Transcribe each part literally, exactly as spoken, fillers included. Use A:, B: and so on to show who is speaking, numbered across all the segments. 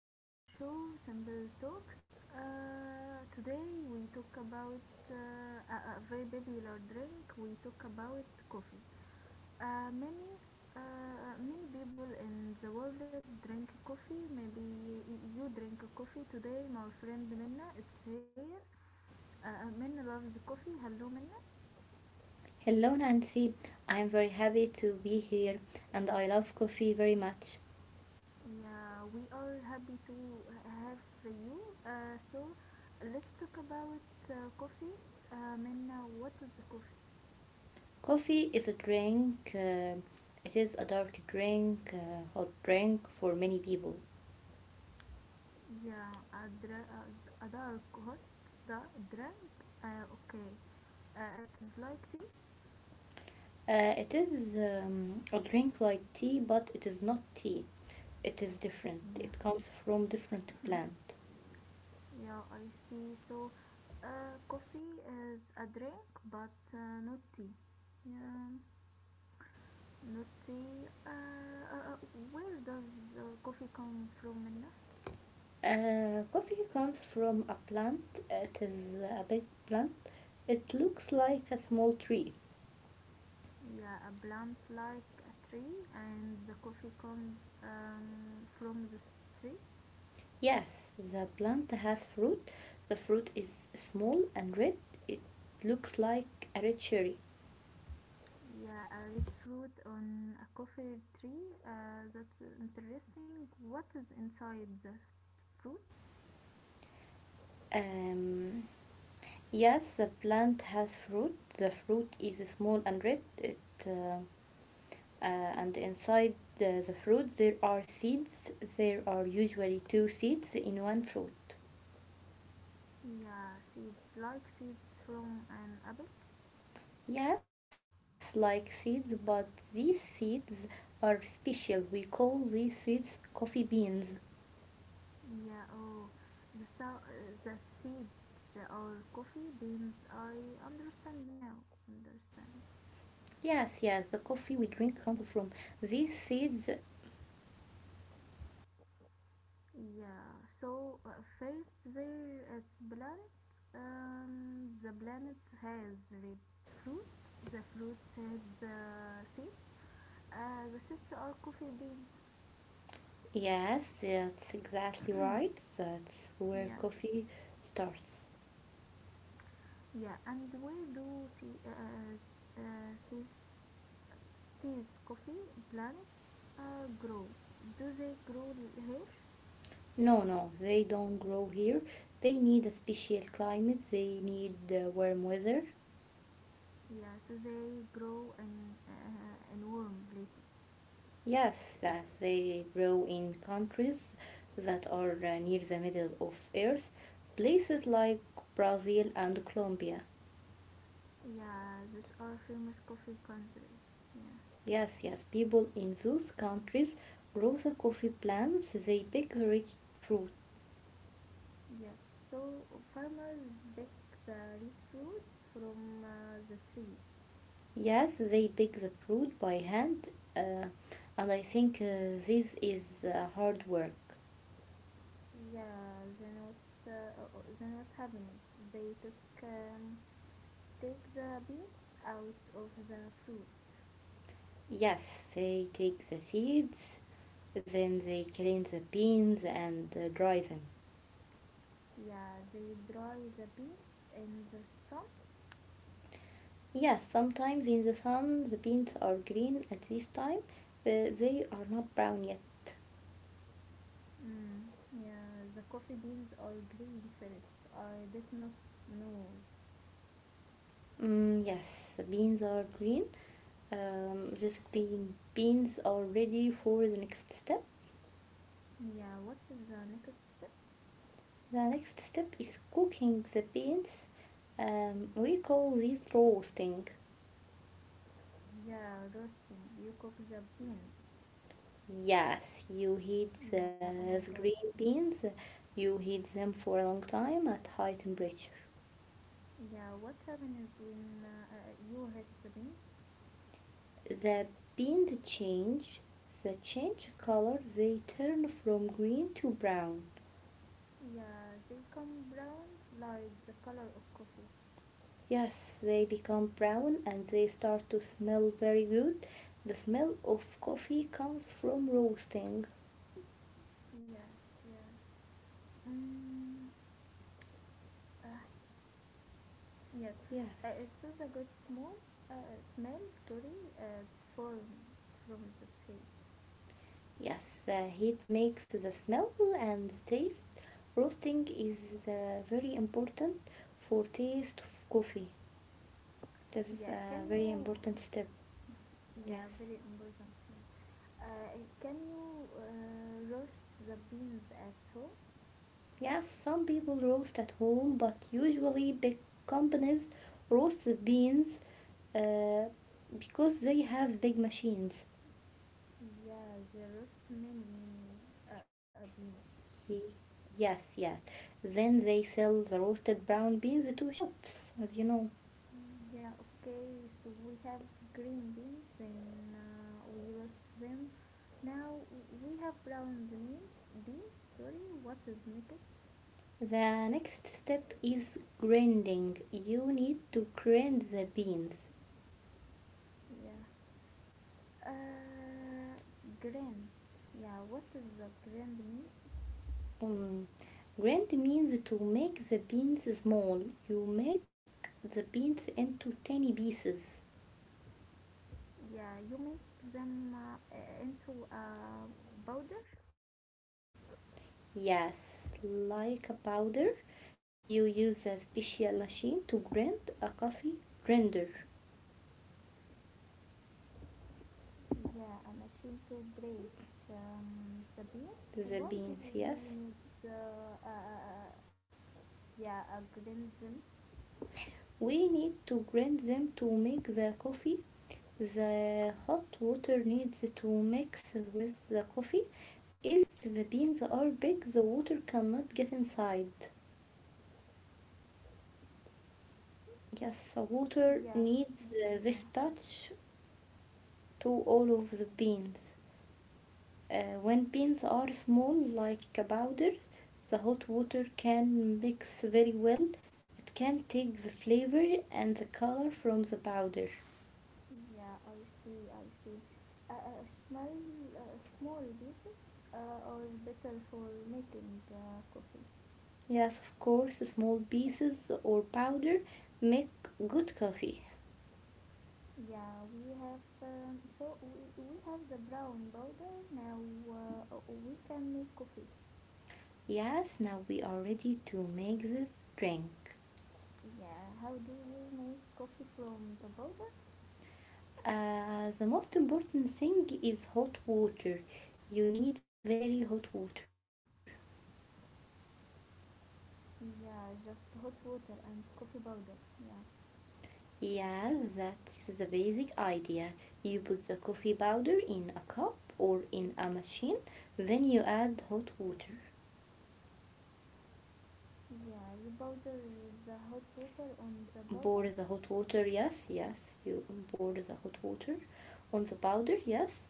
A: This is our show, Simple Talks. Uh, today we talk about uh, a, a very popular drink. We talk about coffee. Uh, many uh, many people in the world drink coffee. Maybe you drink coffee today. My friend Minna, it's here. Uh, Minna loves coffee. Hello, Minna.
B: Hello, Nancy. I am very happy to be here and I love coffee very much.
A: Yeah, we are happy to have you. Uh, so let's talk about uh, coffee. Uh, Minna, what is the coffee?
B: Coffee is a drink, uh, it is a dark drink, uh, hot drink for many people.
A: Yeah, a, dra- a, a dark hot da- drink. Uh, okay, uh, it is like tea.
B: Uh, it is um, a drink like tea, but it is not tea. It is different.
A: Yeah,
B: It comes from different plant.
A: yeah, I see. So, uh, coffee is a drink, but uh, not tea. Yeah, not tea. Uh, uh, uh, where does uh, coffee come from, Minna?
B: Uh, coffee comes from a plant. It is a big plant. It looks like a small tree.
A: Yeah, a plant like a tree, and the coffee comes um, from the tree.
B: Yes, the plant has fruit. The fruit is small and red. It looks like a red cherry.
A: Yeah, a red fruit on a coffee tree. Uh, that's interesting. What is inside the fruit?
B: Um, yes, the plant has fruit. The fruit is small and red. It uh, uh, and inside the, the fruit there are seeds. There are usually two seeds in one fruit.
A: Yeah, seeds like seeds from an apple.
B: Yes, like seeds, but these seeds are special. We call these seeds coffee beans.
A: Yeah, oh, the so- uh, the seeds or coffee beans. I understand now. Understand.
B: Yes, yes, the coffee we drink comes from these seeds.
A: Yeah, so uh, first there is planet. Um, the planet has red fruit. The fruit had uh, seeds. Uh, the seeds are coffee beans.
B: Yes, that's exactly right. That's where
A: Yeah.
B: coffee starts.
A: Yeah, and where do the, uh, uh, these, these coffee plants uh, grow? Do they grow here?
B: No, no, they don't grow here. They need a special climate, they need uh, warm weather.
A: Yeah, so they grow in, uh, in warm places.
B: Yes, that they grow in countries that are uh, near the middle of Earth, places like Brazil and Colombia.
A: Yeah, those are famous coffee countries. Yeah.
B: Yes, yes. People in those countries grow the coffee plants. They pick the rich fruit.
A: Yes, so farmers pick the red fruits from uh, the trees.
B: Yes, they pick the fruit by hand. Uh, and I think uh, this is uh, hard work.
A: Yeah, they not uh, uh, uh, they not happiness. They took um, take the beans out of the fruit.
B: Yes, they take the seeds, then they clean the beans and uh, dry them.
A: Yeah, they dry the beans in the sun.
B: Yes, sometimes in the sun the beans are green at this time. Uh, they are not brown yet.
A: Mm, yeah, the coffee beans are green first. I did not know.
B: Mm, yes, the beans are green. Um, these green beans are ready for the next step.
A: Yeah, what is the next step?
B: The next step is cooking the beans. Um, we call this roasting.
A: Yeah, roasting. You cook the beans.
B: Yes, you heat the
A: Yeah, oh my
B: the
A: god.
B: green beans. You heat them for a long time at high temperature.
A: Yeah, what happens when uh, uh, you hit the beans?
B: The beans change. The change color. They turn from green to brown.
A: Yeah, they come brown like the color of coffee.
B: Yes, they become brown and they start to smell very good. The smell of coffee comes from roasting.
A: Yes, yes. Mm, uh, yes. Uh,
B: Yes.
A: so the good small uh, uh, smell, sorry, uh, it's form from the sea.
B: Yes, the heat makes the smell and the taste. Roasting is uh, very important for taste of coffee. That's
A: Yeah,
B: a
A: can
B: very
A: you?
B: important step.
A: Yeah,
B: Yes.
A: very important. Yeah. Uh, can you uh, roast the beans at home?
B: Yes, some people roast at home, but usually big companies roast the beans uh, because they have big machines.
A: Yeah, they roast many many uh, beans.
B: Ye- Yes, yes. Then they sell the roasted brown beans to shops, as you know.
A: Yeah, okay, so we have green beans and uh, we roast them. Now we have brown beans, beans, sorry, what is next?
B: The next step is grinding. You need to grind the beans.
A: Yeah, uh, grand. Yeah, what is a grand mean?
B: Um, Grind means to make the beans small. You make the beans into tiny pieces.
A: Yeah, you make them uh, e-, into a powder.
B: Yes, like a powder. You use a special machine to grind a coffee grinder.
A: Yeah, a machine to break um, the beans.
B: The
A: Why do
B: beans, yes.
A: we need uh, uh, uh, uh, yeah, a grind them?
B: We need to grind them to make the coffee. The hot water needs to mix with the coffee. If the beans are big, the water cannot get inside. Yes, water
A: Yeah,
B: needs uh,
A: yeah,
B: this touch to all of the beans. Uh, when beans are small, like powders, the hot water can mix very well. It can take the flavor and the color from the powder.
A: yeah. I see, I see. Uh, uh, small, uh, small pieces uh, are better for making uh, coffee.
B: Yes, of course, small pieces or powder make good coffee.
A: Yeah, we have um, so we, we have the brown powder now. Uh, we can make coffee.
B: Yes, now we are ready to make this drink.
A: Yeah, how do you make coffee from the powder?
B: Uh, the most important thing is hot water. You need very hot water.
A: Yeah, just hot water and coffee powder. Yeah,
B: Yes, that's the basic idea. You put the coffee powder in a cup or in a machine, then you add hot water.
A: yeah. You powder the hot water on the powder.
B: Boil the hot water, yes, yes. You boil the hot water on the powder, yes.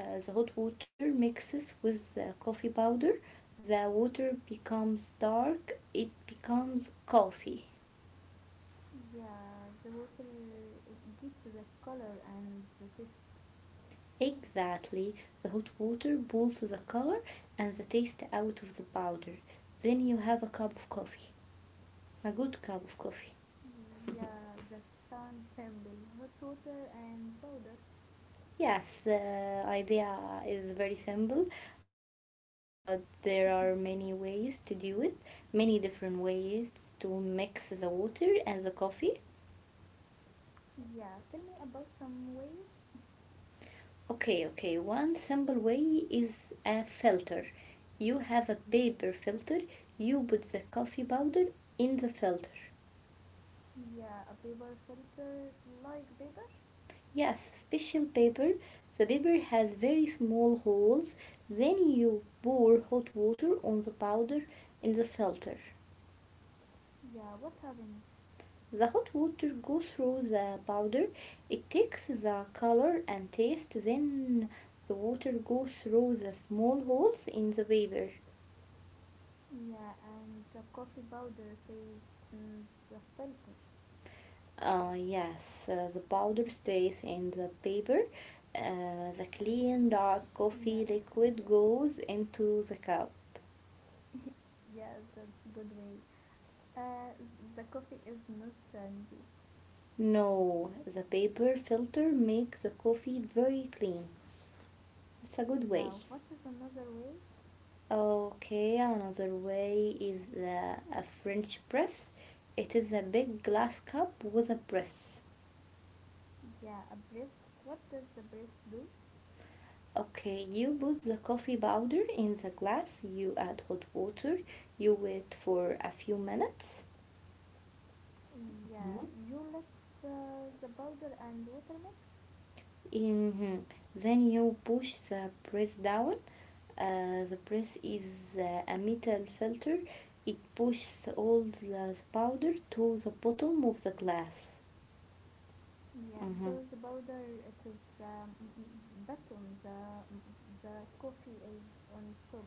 B: Uh, the hot water mixes with the coffee powder. The water becomes dark, it becomes coffee.
A: Yeah, the water uh, gets the color and the taste.
B: Exactly. The hot water pulls the color and the taste out of the powder. Then you have a cup of coffee, a good cup of coffee.
A: Yeah, that sounds simple. Hot water and powder.
B: Yes, the idea is very simple, but there are
A: Yeah.
B: many ways to do it, many different ways to mix the water and the coffee.
A: Yeah, tell me about some ways.
B: Okay, okay, one simple way is a filter. You have a paper filter, you put the coffee powder in the filter.
A: Yeah, a paper filter like paper.
B: Yes, special paper. The paper has very small holes, then you pour hot water on the powder in the filter.
A: Yeah, what happened?
B: The hot water goes through the powder, it takes the color and taste, then the water goes through the small holes in the paper.
A: Yeah, and the coffee powder says mm, the filter.
B: Uh, yes, uh, the powder stays in the paper. Uh, the clean dark
A: Yeah,
B: coffee liquid
A: yeah.
B: goes into the cup.
A: yeah, that's a good way. Uh, th- the coffee is not sandy.
B: No, the paper filter makes the coffee very clean. It's a good
A: Yeah,
B: way.
A: what is another way?
B: Okay, another way is uh, a French press. It is a big glass cup with a press.
A: Yeah, a press. What does the press do?
B: Okay, you put the coffee powder in the glass, you add hot water, you wait for a few minutes.
A: Yeah,
B: Mhm.
A: you let the, the powder and water mix.
B: Hmm. Then you push the press down. Uh, the press is uh, a metal filter. It pushes all the powder to the bottom of the glass.
A: Yeah,
B: Hmm.
A: so the powder it is um, mm, mm, bottom. The mm, mm, the coffee is on top.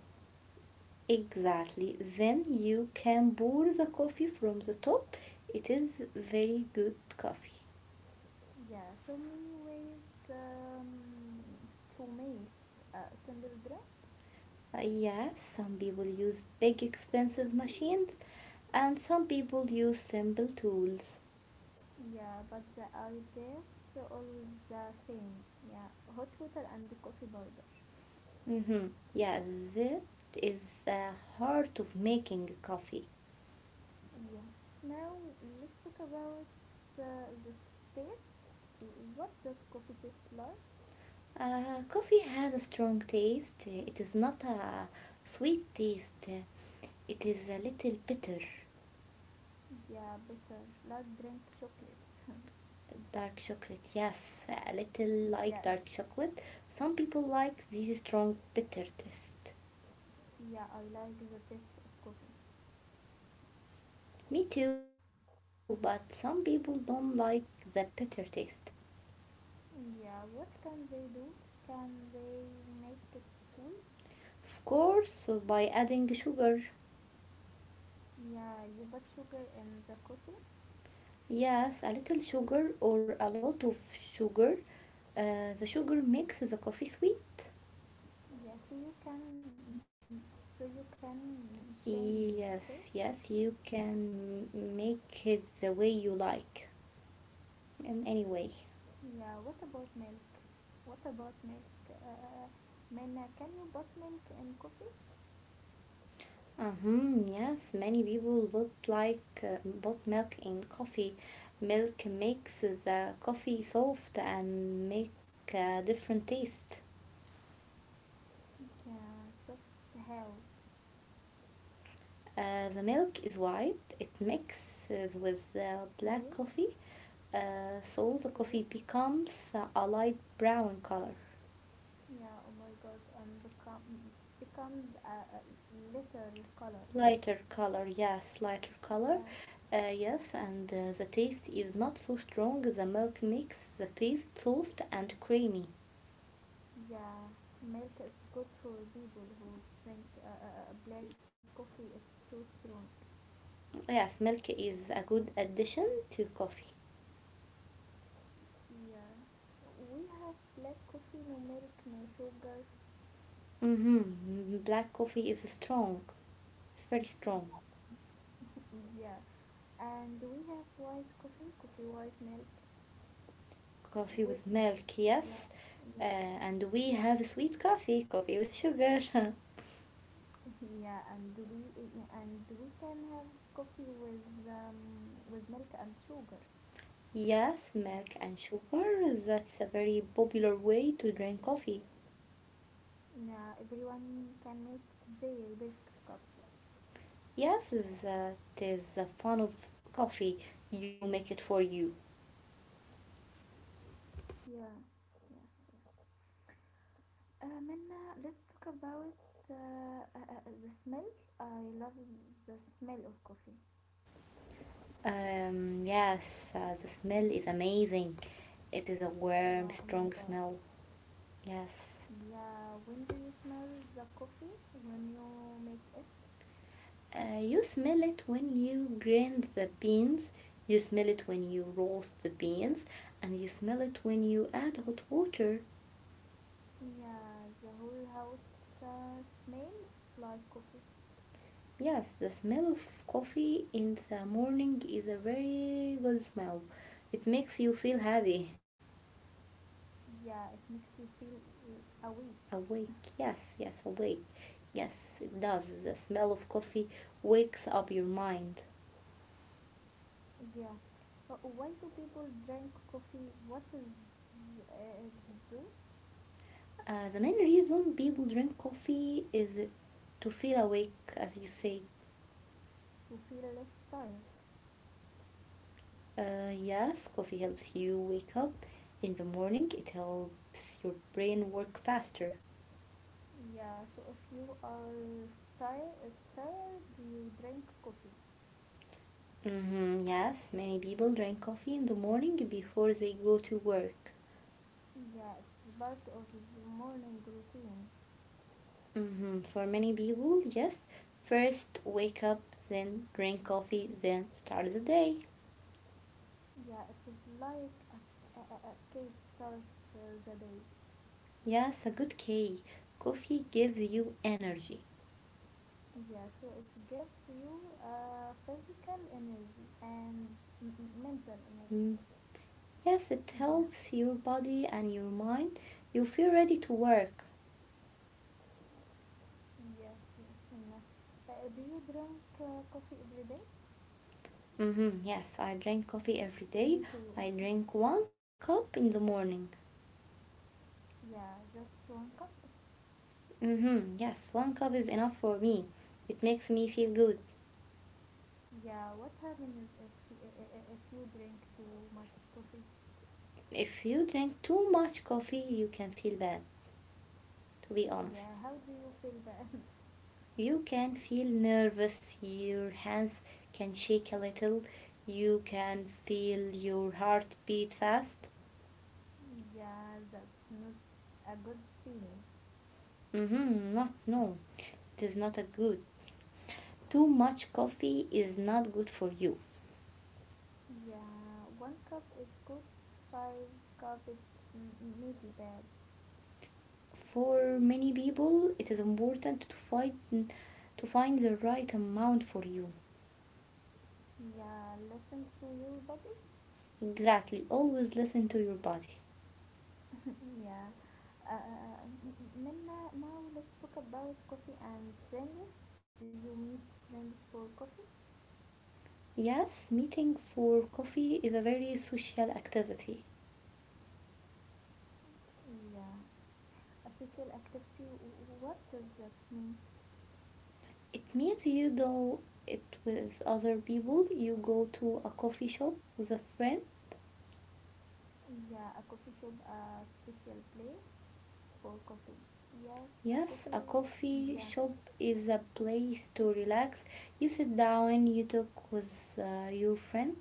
B: Exactly. Then you can pour the coffee from the top. It is very good coffee.
A: Yeah, so many ways um, to make a simple drink.
B: Uh, yes, some people use big expensive machines and some people use simple tools.
A: Yeah, but the ideas all the same. Yeah, hot water and coffee powder.
B: Mm-hmm. Yeah, that is the heart of making coffee.
A: Yeah. Now let's talk about the, the taste. What does coffee taste like?
B: Uh, coffee has a strong taste. It is not a sweet taste. It is a little bitter.
A: Yeah, bitter. Like drink chocolate.
B: Dark chocolate, yes, a little like
A: yes.
B: dark chocolate. Some people like this strong bitter taste.
A: Yeah, I like the taste of coffee.
B: Me too, but some people don't like the bitter taste.
A: Yeah, what can they do? Can they make it sweet?
B: Of course, by adding sugar.
A: Yeah, you put sugar in the coffee.
B: Yes, a little sugar or a lot of sugar. Uh, the sugar makes the coffee sweet.
A: Yeah, so you can so you can change the taste.
B: Yes, yes, you can make it the way you like, in any way.
A: Yeah, what about milk? What about milk? Uh, Mina, can you put milk in coffee?
B: Mm-hmm, yes, many people both like uh, both milk and coffee. Milk makes the coffee soft and make a different taste.
A: Yeah, soft how?
B: Uh, the milk is white. It mixes with the black
A: Okay,
B: coffee, uh, so the
A: okay.
B: coffee becomes a light brown color.
A: Yeah, oh my god, and become becomes a, a litter color.
B: Lighter color, yes, lighter color.
A: Yes,
B: Uh, yes, and uh, the taste is not so strong. The milk makes the taste soft and creamy.
A: yeah. Milk is good for people who think uh, uh, uh, black coffee is too strong.
B: Oh, yes, milk is a good addition to coffee.
A: Yeah, we have black coffee, no milk, no sugar.
B: Mm-hmm. Black coffee is strong. It's very strong.
A: yeah, and we have white coffee, coffee white milk
B: Coffee
A: with
B: with milk,
A: yeah,
B: yes. Uh,
A: yes,
B: and we have sweet coffee, coffee with sugar.
A: yeah. And we and we can have coffee with um, with milk and sugar.
B: yes, milk and sugar. That's a very popular way to drink coffee.
A: Yeah, everyone can make their perfect cup.
B: Yes, that is the fun of coffee. You make it for you.
A: Yeah, yes. Uh, Minna, let's talk about uh, uh, uh, uh, the smell. I love the smell of coffee.
B: Um, yes, uh, the smell is amazing. It is a warm,
A: Yeah, oh my
B: strong
A: god.
B: smell. Yes.
A: Yeah, when do you smell the coffee? When you make it?
B: Uh, you smell it when you grind the beans, you smell it when you roast the beans, and you smell it when you add hot water.
A: Yeah, the whole house uh, smells like coffee.
B: Yes, the smell of coffee in the morning is a very good smell. It makes you feel happy,
A: Yeah, it makes you feel uh, awake.
B: awake. Yes, yes, awake. Yes, it does. The smell of coffee wakes up your mind.
A: Yeah. Uh, why do people drink coffee? What is uh, it do
B: Uh, the main reason people drink coffee is to feel awake, as you say.
A: to feel less tired?
B: Uh, yes, coffee helps you wake up in the morning. It helps your brain work faster.
A: Yeah, so if you are tired, tired, you drink coffee.
B: Mm-hmm, yes, many people drink coffee in the morning before they go to work.
A: Yeah, it's part of the morning routine.
B: Mm-hmm. For many people, yes, first wake up, then drink coffee, then start the day.
A: Yeah, it is like a, a, a a cake starts uh, the day.
B: Yes, a good K. Coffee gives you energy.
A: Yeah, so it gives you uh, physical energy and m- m- mental energy.
B: Mm. Yes, it
A: Yeah,
B: helps your body and your mind. You feel ready to work.
A: yes, yes. And, uh, uh, do you drink uh, coffee every day?
B: Mm-hmm. Yes, I drink coffee every day.
A: Me too.
B: I drink one cup in the morning.
A: Yeah, just one cup.
B: Mm-hmm. Yes, one cup is enough for me. It makes me feel good.
A: Yeah, what happens is if y- I- I- I- if you drink too much coffee?
B: If you drink too much coffee, you can feel bad, to be honest.
A: Yeah, how do you feel bad?
B: You can feel nervous, your hands can shake a little, you can feel your heart beat fast.
A: yeah, that's not a good feeling.
B: Mm-hmm. Not, no, it is not a good. Too much coffee is not good for you.
A: Yeah, one cup is good, five cup it's m- maybe bad.
B: For many people, it is important to find to find the right amount for you.
A: Yeah, listen to your body.
B: Exactly. Always listen to your body.
A: yeah. Uh, Minna, now let's talk about coffee and friends. Do you meet friends for coffee?
B: Yes, meeting for coffee is a very social activity.
A: Yeah. A social activity, w- what does that mean?
B: It means you do it with other people. You go to a coffee shop with a friend.
A: Yeah, a coffee shop, a special place for coffee. Yes, a
B: Yes, a
A: coffee,
B: coffee
A: yeah.
B: shop is a place to relax. You sit down, you talk with uh, your friend.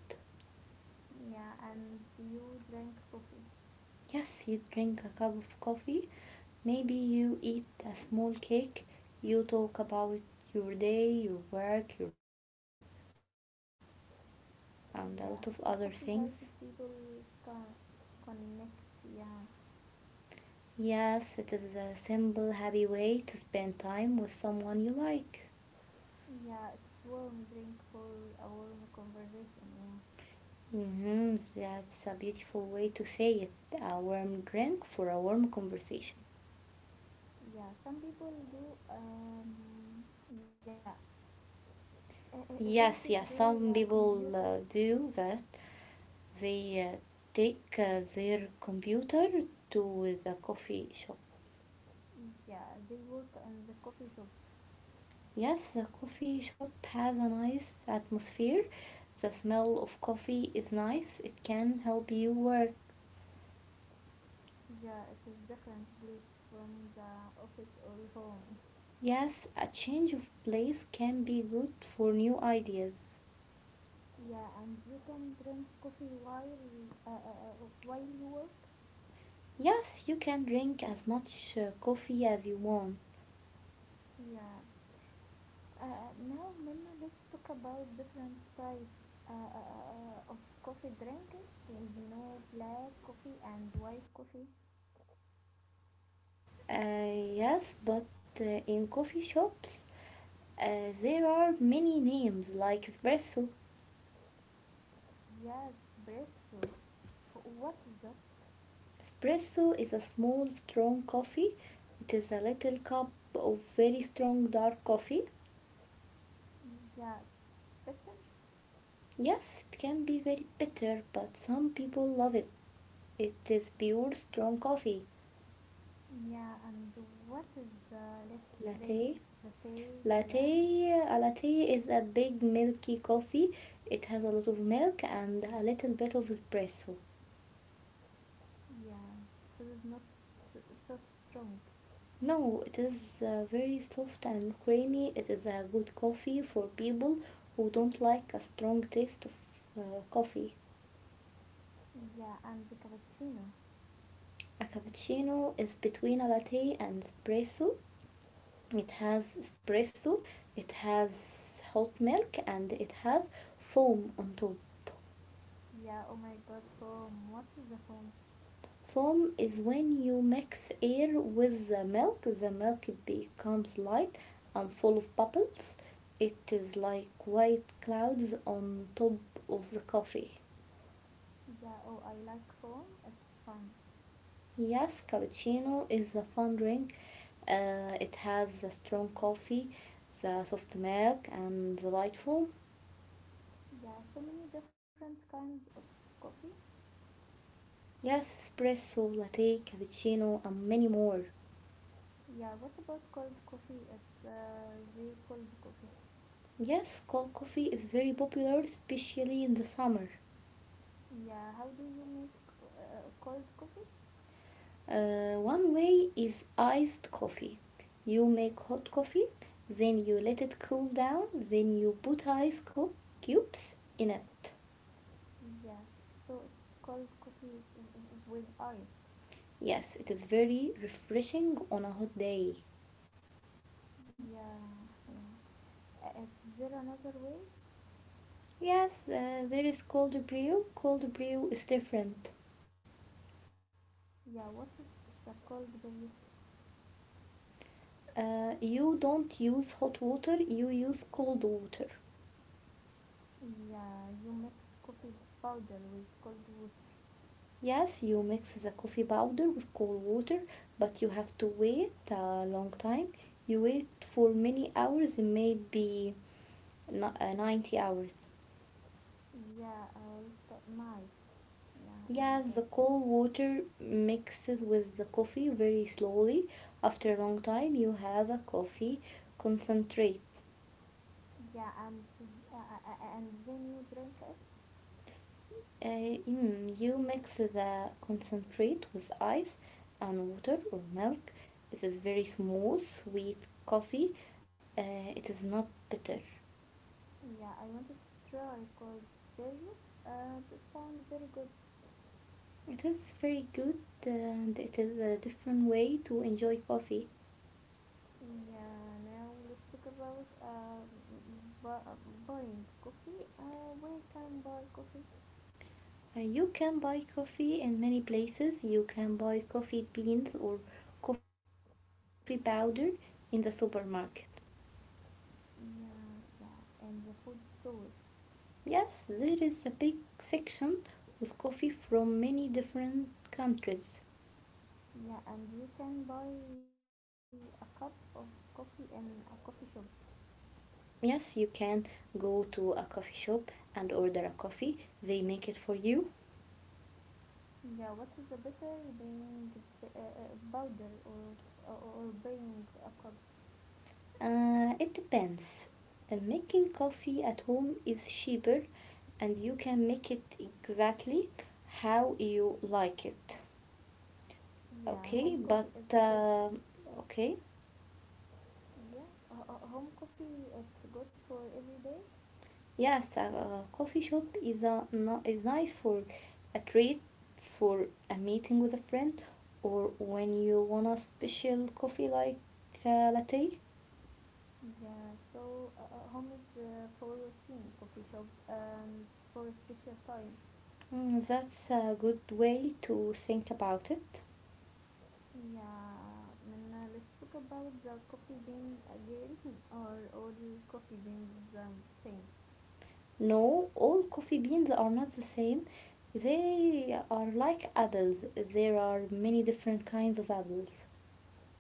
A: Yeah, and do you drink coffee?
B: Yes, you drink a cup of coffee. Maybe you eat a small cake, you talk about your day, your work, your family, and a
A: Yeah,
B: lot of
A: so
B: other
A: coffee
B: things.
A: helps people con- connect, yeah.
B: Yes, it is a simple, happy way to spend time with someone you like.
A: Yeah, it's warm drink for a warm conversation. Yeah,
B: Hmm, that's a beautiful way to say it. A warm drink for a warm conversation.
A: yeah. Some people do. Um, yeah, uh, uh, they take
B: Yes, yes,
A: their uh,
B: some
A: computer.
B: people uh, do that. They uh, take uh, their computer to the coffee shop.
A: Yeah, they work in the coffee shop.
B: Yes, the coffee shop has a nice atmosphere. The smell of coffee is nice, it can help you work.
A: Yeah, it is different place from the office or home.
B: Yes, a change of place can be good for new ideas.
A: Yeah, and you can drink coffee while uh, uh, uh, while you work.
B: Yes, you can drink as much uh, coffee as you want.
A: Yeah, Uh, now, Minna, let's talk about different types uh, uh, uh, uh, of coffee drinks. We know black coffee and white coffee.
B: Uh, yes, but uh, in coffee shops uh, there are many names like espresso.
A: Yes, espresso. What is that?
B: Espresso is a small, strong coffee. It is a little cup of very strong dark coffee.
A: Yes, better.
B: Yes, it can be very bitter, but some people love it. It is pure strong coffee.
A: Yeah, and what is the latte?
B: Latte.
A: Latte, yeah,
B: Latte. A latte is a big milky coffee. It has a lot of milk and a little bit of espresso.
A: yeah. So it's not so so strong.
B: No, it is uh, very soft and creamy. It is a good coffee for people who don't like a strong taste of uh, coffee.
A: Yeah, and the cappuccino.
B: A cappuccino is between a latte and espresso. It has espresso, it has hot milk, and it has foam on top.
A: Yeah, oh my god, foam. What is the foam?
B: Foam is when you mix air with the milk. The milk becomes light and full of bubbles. It is like white clouds on top of the coffee.
A: Yeah, oh, I like foam. It's fun.
B: Yes, cappuccino is a fun drink. Uh, it has the strong coffee, the soft milk, and the light foam.
A: Yeah, so many different kinds of coffee.
B: Yes, espresso, latte, cappuccino, and many more.
A: Yeah, what about cold coffee? It's uh, the cold coffee.
B: Yes, cold coffee is very popular, especially in the summer.
A: Yeah, how do you make uh, cold coffee?
B: Uh, one way is iced coffee. You make hot coffee, then you let it cool down, then you put ice cu- cubes in it.
A: Yes, so it's cold coffee w- w- with ice.
B: Yes, it is very refreshing on a hot day.
A: Yeah, yeah. Uh, Is there another way?
B: Yes, uh, there is cold brew. Cold brew is different.
A: Yeah, what is the cold brew?
B: Uh, you don't use hot water, you use cold water.
A: Yeah, you mix coffee powder with cold water.
B: Yes, you mix the coffee powder with cold water, but you have to wait a long time. You wait for many hours, maybe ni- uh, ninety hours.
A: Yeah, all t- night. Yeah, oh my
B: Yes, the
A: god.
B: cold water mixes with the coffee very slowly. After a long time, you have a coffee concentrate.
A: Yeah, and th- uh, uh, uh, and then you drink it.
B: Uh, mm, you mix the concentrate with ice and water or milk. It is very smooth, sweet coffee. Uh, it is not bitter.
A: Yeah, I wanted to try cold value. Uh, that sounds very good.
B: It is very good and it is a different way to enjoy coffee.
A: Yeah, now let's talk about uh, bu- uh, buying coffee. Uh, where can buy coffee?
B: Uh, you can buy coffee in many places. You can buy coffee beans or coffee powder in the supermarket.
A: Yeah, yeah, in the food store.
B: Yes, there is a big section with coffee from many different countries.
A: Yeah, and you can buy a cup of coffee in a coffee shop.
B: Yes, you can go to a coffee shop and order a coffee. They make it for you.
A: Yeah, what is a better being b- uh, uh, powder or, or or buying a cup?
B: Uh, it depends. Uh, Making coffee at home is cheaper and you can make it exactly how you like it.
A: Yeah,
B: Okay,
A: home
B: but
A: coffee is good.
B: um okay.
A: Yeah, uh, uh, home coffee it's good for every day.
B: Yes, a, a coffee shop is a, no, is nice for a treat, for a meeting with a friend, or when you want a special coffee like a latte.
A: Yeah, so uh, uh, home is uh, for routine coffee shop and for special time.
B: Mm, that's a good way to think about it.
A: Yeah, and uh, let's talk about the coffee bean again, or all coffee beans the same.
B: No, all coffee beans are not the same. They are like apples. There are many different kinds of apples.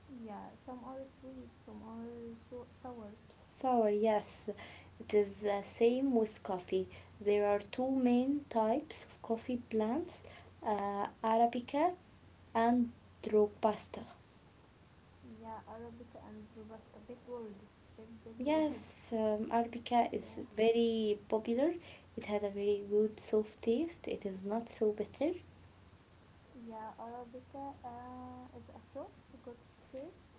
A: Yeah, some are sweet, some are so- sour.
B: Sour, yes, it is the same with coffee. There are two main types of coffee plants, uh, Arabica and Robusta.
A: Yeah, Arabica and Robusta, big words, big big words.
B: Yes, um, Arabica is
A: Yeah,
B: very popular. It has a very good soft taste. It is not so bitter.
A: yeah, Arabica uh, is a soft, good taste.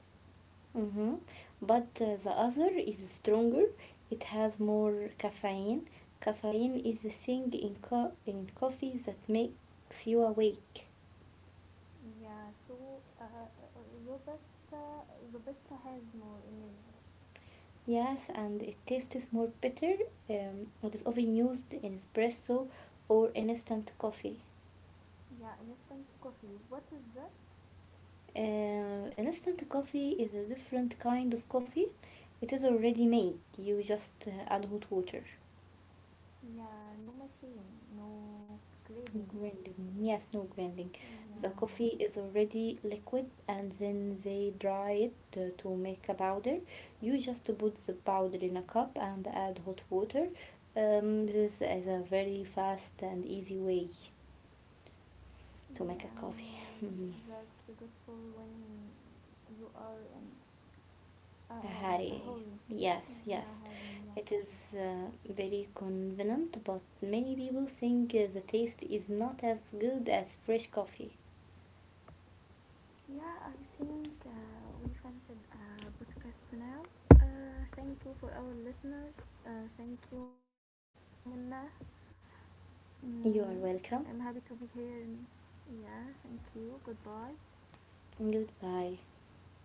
B: hmm But uh, the other is stronger. It has more caffeine. Caffeine is the thing in, co- in coffee that makes you awake.
A: Yeah, so uh, uh, Robusta Robusta has more energy.
B: Yes, and it tastes more bitter. Um, it is often used in espresso or instant coffee.
A: Yeah, instant coffee. What is that?
B: Uh, instant coffee is a different kind of coffee. It is already made. You just uh, add hot water.
A: Yeah, no machine, no grading.
B: Grinding. Yes, no grinding. The coffee
A: Yeah,
B: is already liquid and then they dry it to, to make a powder. You just put the powder in a cup and add hot water. Um, this is a very fast and easy way to make a coffee.
A: yeah, that's good for when you are in a,
B: A
A: a, a
B: Harry.
A: hurry.
B: Yes, yes.
A: Yeah, hurry, yes.
B: It is uh, very convenient, but many people think uh, the taste is not as good as fresh coffee.
A: Yeah, I think uh, we finished uh, podcast now. Uh, thank you for our listeners. Uh, thank you, Minna. Mm, I'm
B: You are
A: happy to be
B: welcome.
A: here. Yes, thank you. Goodbye.
B: Goodbye.